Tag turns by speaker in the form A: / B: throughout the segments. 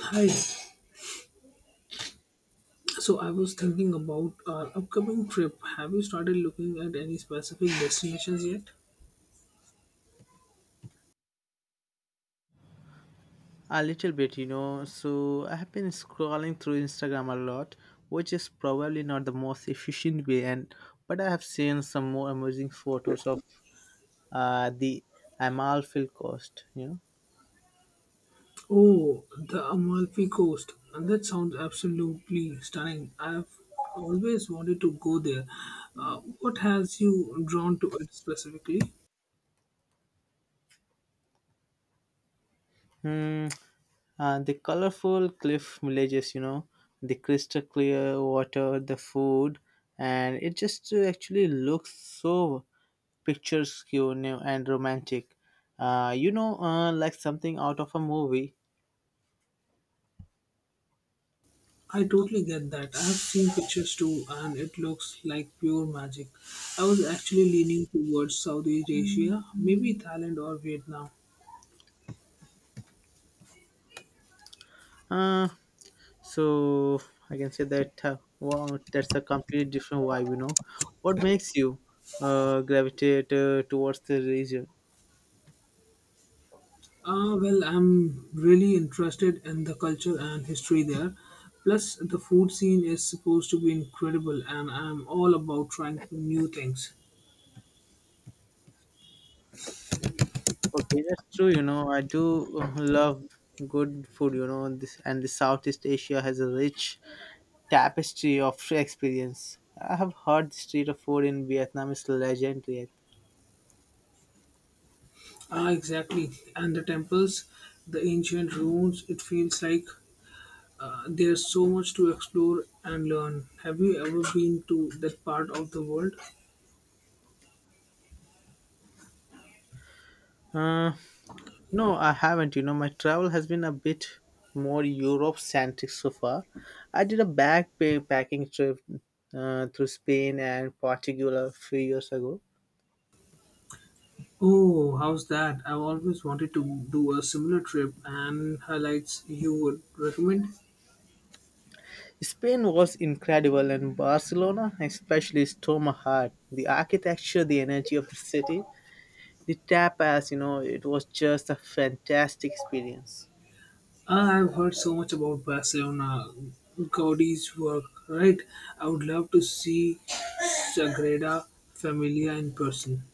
A: Hi. So I was thinking about our upcoming trip. Have you started looking at any specific destinations yet?
B: A little bit, you know. So I have been scrolling through Instagram a lot, which is probably not the most efficient way. And but I have seen some more amazing photos of the Amalfi Coast.
A: Oh, the Amalfi Coast. And that sounds absolutely stunning. I've always wanted to go there. What has you drawn to it specifically?
B: Know, mm, the colorful cliff villages. You know, the crystal clear water, the food, and it just actually looks so picturesque, you know, and romantic. Like something out of a movie.
A: I totally get that. I've seen pictures too, and it looks like pure magic. I was actually leaning towards Southeast Asia, maybe Thailand or Vietnam.
B: Uh, So I can say that, wow, that's a completely different vibe, you know. What makes you gravitate towards the region?
A: Well, I'm really interested in the culture and history there. Plus, the food scene is supposed to be incredible, and I'm all about trying new things.
B: Okay, that's true. You know, I do love good food. You know, and this and the Southeast Asia has a rich tapestry of experience. I have heard the street of food in Vietnam is legendary.
A: Ah, exactly. And the temples, the ancient ruins, it feels like there's so much to explore and learn. Have you ever been to that part of the world?
B: Uh, No, I haven't. You know, my travel has been a bit more Europe centric so far. I did a backpacking trip through Spain and Portugal a few years ago.
A: Oh, how's that? I've always wanted to do a similar trip, and highlights you would recommend?
B: Spain was incredible, and Barcelona especially stole my heart. The architecture, the energy of the city, the tapas, you know, it was just a fantastic experience.
A: I've heard so much about Barcelona, Gaudi's work, right? I would love to see Sagrada Familia in person.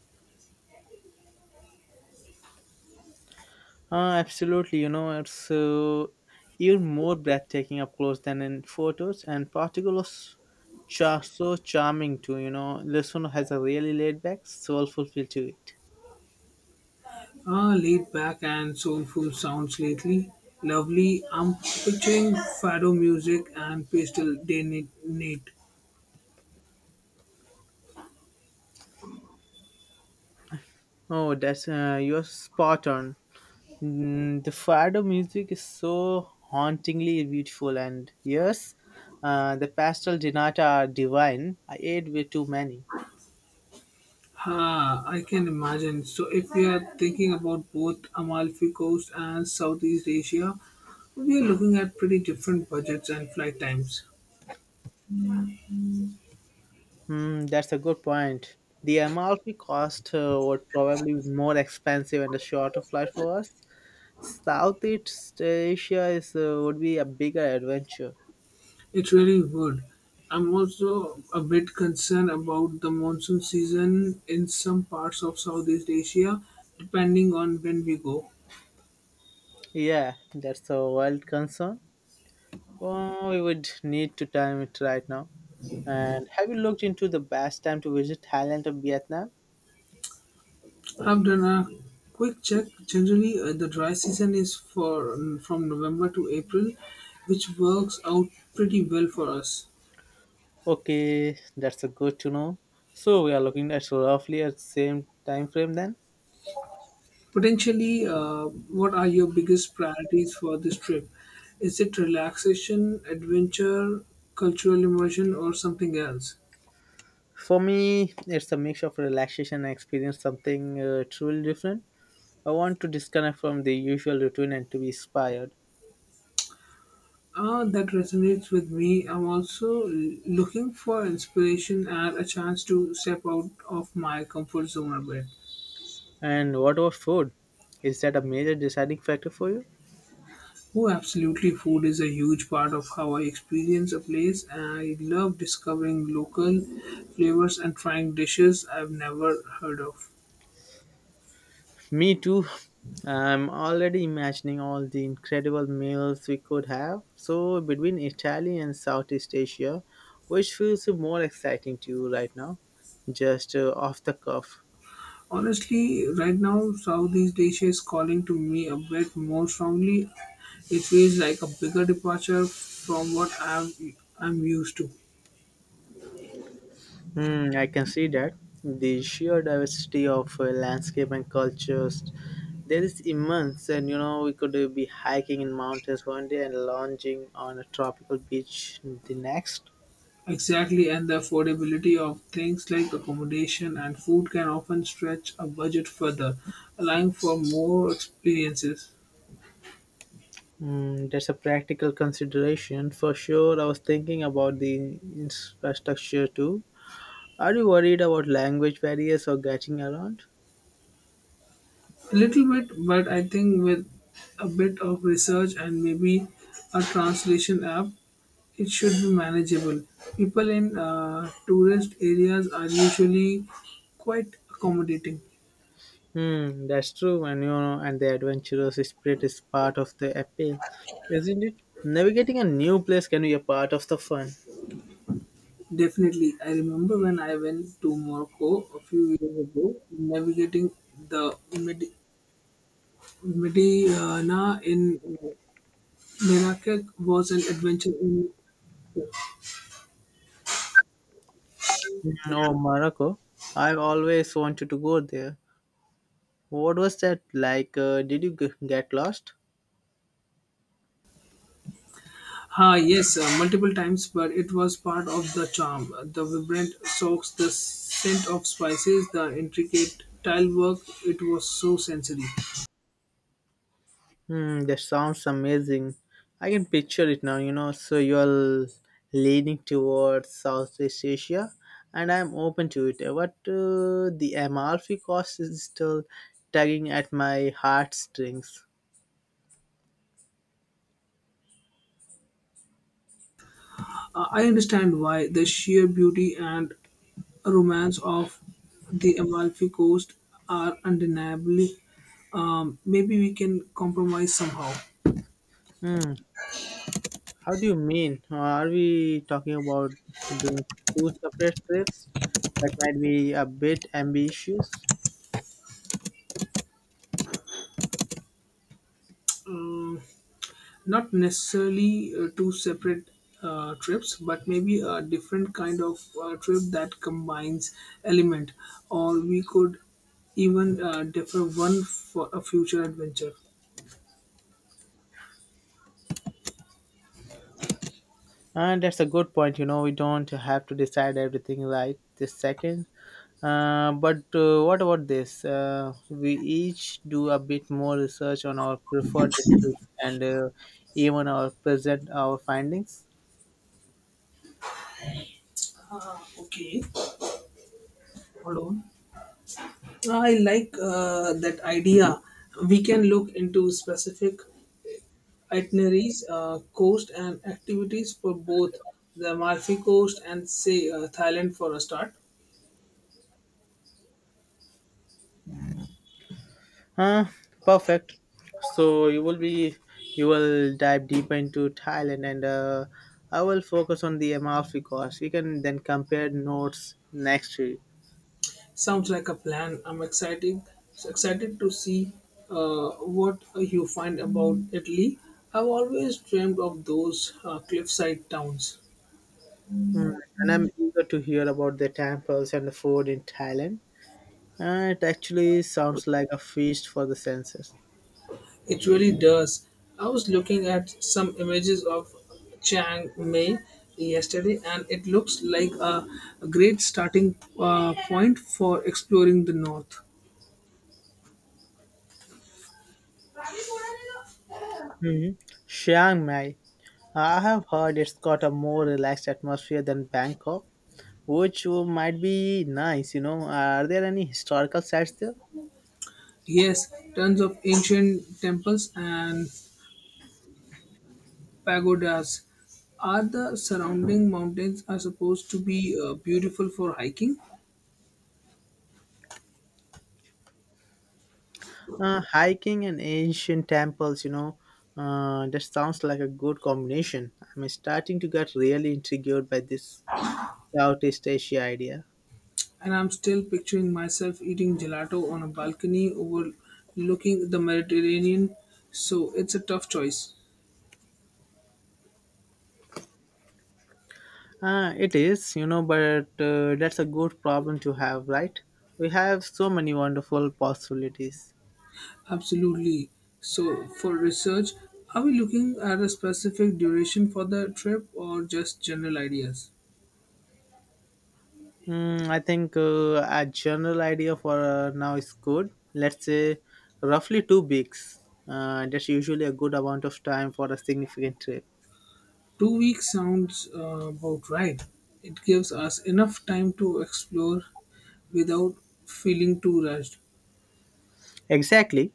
B: Absolutely, you know, it's even more breathtaking up close than in photos, and particulars so charming too. You know, this one has a really laid back, soulful feel to it.
A: Ah, laid back and soulful sounds lately. Lovely. I'm picturing fado music and nat.
B: Oh, that's you're spot on. Mm, the fado music is so hauntingly beautiful, and yes, the pastel dinata are divine. I ate way too many.
A: Ah, I can imagine. So, if we are thinking about both Amalfi Coast and Southeast Asia, we are looking at pretty different budgets and flight times.
B: Hmm, that's a good point. The Amalfi Coast would probably be more expensive and a shorter flight for us. Southeast Asia is would be a bigger adventure.
A: It really would. I'm also a bit concerned about the monsoon season in some parts of Southeast Asia, depending on when we go.
B: Yeah, that's a wild concern. Well, we would need to time it right now. And have you looked into the best time to visit Thailand or Vietnam?
A: I've done a quick check. Generally, the dry season is for from November to April, which works out pretty well for us.
B: Okay, that's a good to know. So we are looking at roughly at same time frame then.
A: Potentially, what are your biggest priorities for this trip? Is it relaxation, adventure, cultural immersion, or something else?
B: For me, it's a mix of relaxation and experience something truly different. I want to disconnect from the usual routine and to be inspired.
A: Ah, that resonates with me. I'm also looking for inspiration and a chance to step out of my comfort zone a bit.
B: And what about food? Is that a major deciding factor for you?
A: Oh, absolutely. Food is a huge part of how I experience a place. I love discovering local flavors and trying dishes I've never heard of.
B: Me too. I'm already imagining all the incredible meals we could have. So, between Italy and Southeast Asia, which feels more exciting to you right now? Just off the cuff.
A: Honestly, right now, Southeast Asia is calling to me a bit more strongly. It feels like a bigger departure from what I'm used to.
B: Hmm, I can see that the sheer diversity of landscape and cultures there is immense, and you know, we could be hiking in mountains one day and lounging on a tropical beach the next.
A: Exactly, and the affordability of things like accommodation and food can often stretch a budget further, allowing for more experiences.
B: Mm, that's a practical consideration for sure. I was thinking about the infrastructure too. Are you worried about language barriers or getting around?
A: A little bit, but I think with a bit of research and maybe a translation app, it should be manageable. People in tourist areas are usually quite accommodating.
B: Hmm, that's true, and you know, and the adventurous spirit is part of the appeal, isn't it? Navigating a new place can be a part of the fun.
A: Definitely, I remember when I went to Morocco a few years ago, navigating the Medina in Merakek was an adventure in.
B: Mm, oh, Morocco! I've always wanted to go there. What was that like? Did you get lost?
A: Ah, yes, multiple times, but it was part of the charm. The vibrant socks, the scent of spices, the intricate tile work, it was so sensory.
B: Hmm, that sounds amazing. I can picture it now, you know. So you're leaning towards Southeast Asia, and I'm open to it. But the Amalfi Coast is still tugging at my heartstrings.
A: I understand why the sheer beauty and romance of the Amalfi Coast are undeniably. Maybe we can compromise somehow.
B: Hmm. How do you mean? Are we talking about doing two separate trips? That might be a bit ambitious.
A: Um, Not necessarily two separate trips, but maybe a different kind of trip that combines element, or we could even defer one for a future adventure.
B: And that's a good point. You know, we don't have to decide everything right this second. But what about this? We each do a bit more research on our preferred destination, and even our present our findings.
A: Ah, okay. Hold on. I like that idea. We can look into specific itineraries, coast, and activities for both the Amalfi Coast and, say, Thailand for a start.
B: Huh? Perfect. So you will dive deeper into Thailand, and I will focus on the Amalfi Coast. We can then compare notes next week.
A: Sounds like a plan. I'm excited to see uh, what you find about Italy. I've always dreamed of those cliffside towns.
B: Mm, and I'm eager to hear about the temples and the food in Thailand. It actually sounds like a feast for the senses.
A: It really does. I was looking at some images of Chiang Mai yesterday, and it looks like a great starting point for exploring the north.
B: Mm-hmm. Chiang Mai. I have heard it's got a more relaxed atmosphere than Bangkok, which might be nice. You know, are there any historical sites there?
A: Yes, tons of ancient temples and pagodas. Are the surrounding mountains are supposed to be beautiful for hiking?
B: Hiking and ancient temples, you know, that sounds like a good combination. I'm starting to get really intrigued by this Southeast Asia idea.
A: And I'm still picturing myself eating gelato on a balcony overlooking the Mediterranean. So it's a tough choice.
B: It is, you know, but that's a good problem to have, right? We have so many wonderful possibilities.
A: Absolutely. So for research, are we looking at a specific duration for the trip or just general ideas?
B: Mm, I think a general idea for now is good. Let's say roughly 2 weeks. That's usually a good amount of time for a significant trip.
A: 2 weeks sounds about right. It gives us enough time to explore without feeling too rushed.
B: Exactly.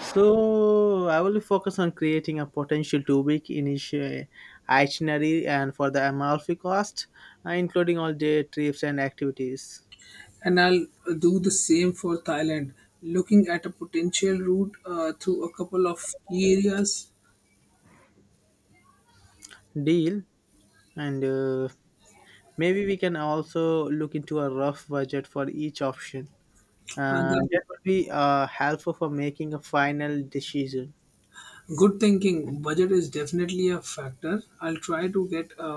B: So I will focus on creating a potential two-week initial itinerary and for the Amalfi cost, including all day trips and activities.
A: And I'll do the same for Thailand, looking at a potential route through a couple of key areas.
B: Deal. And maybe we can also look into a rough budget for each option.
A: And then
B: That would be helpful for making a final decision.
A: good thinking, budget is definitely a factor. I'll try to get a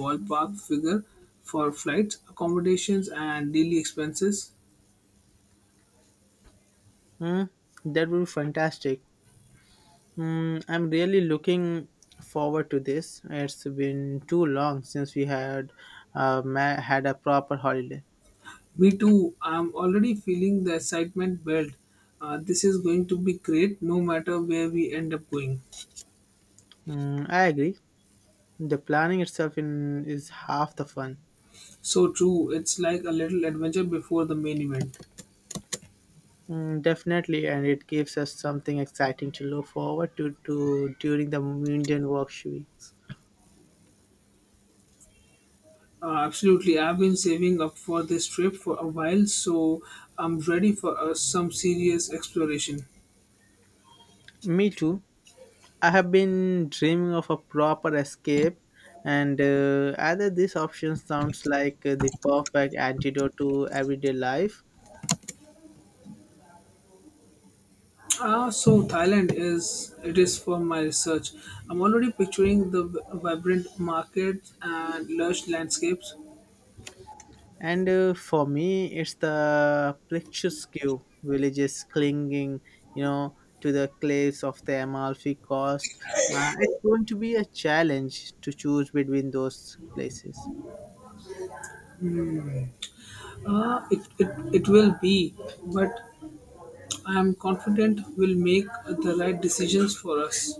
A: ballpark figure for flights, accommodations, and daily expenses.
B: Hmm? That would be fantastic. Hmm, I'm really looking forward to this. It's been too long since we had had a proper holiday.
A: Me too, I'm already feeling the excitement build. This is going to be great no matter where we end up going.
B: Mm, I agree. The planning itself, is half the fun.
A: So true, it's like a little adventure before the main event.
B: Mm, definitely, and it gives us something exciting to look forward to, during the Indian work weeks.
A: Absolutely. I've been saving up for this trip for a while, so I'm ready for some serious exploration.
B: Me too. I have been dreaming of a proper escape, and either these options sounds like the perfect antidote to everyday life.
A: Ah, so Thailand is it is for my research. I'm already picturing the vibrant markets and lush landscapes.
B: And for me, it's the Plectruskyu villages clinging, you know, to the cliffs of the Amalfi Coast. It's going to be a challenge to choose between those places.
A: It will be, but I'm confident we'll make the right decisions for us.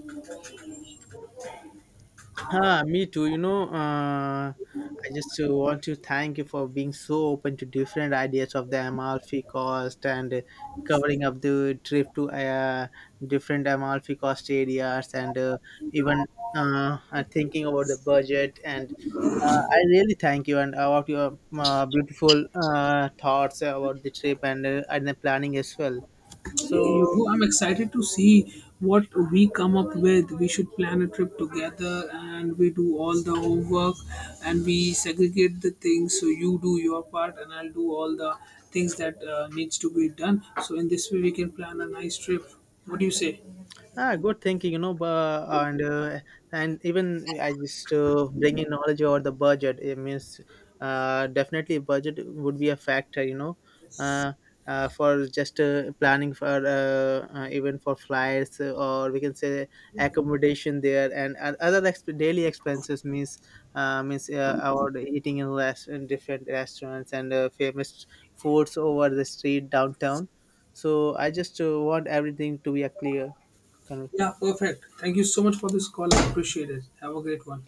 B: Ah, me too. You know, I just want to thank you for being so open to different ideas of the Amalfi Coast, and covering up the trip to different Amalfi Coast areas, and even thinking about the budget. And I really thank you, and about your beautiful thoughts about the trip, and the planning as well.
A: You
B: So
A: too. I'm excited to see what we come up with. We should plan a trip together and we do all the homework and we segregate the things. So you do your part and I'll do all the things that needs to be done. So in this way we can plan a nice trip. What do you say?
B: Ah, good thinking, you know, and even I just bring in knowledge over the budget. It means definitely budget would be a factor, you know, uh, for just planning for, even for flights, or we can say accommodation there, and other daily expenses. Means means about eating in rest in different restaurants and famous foods over the street downtown. So I just want everything to be a clear conversation.
A: Yeah, perfect. Thank you so much for this call. I appreciate it. Have a great one.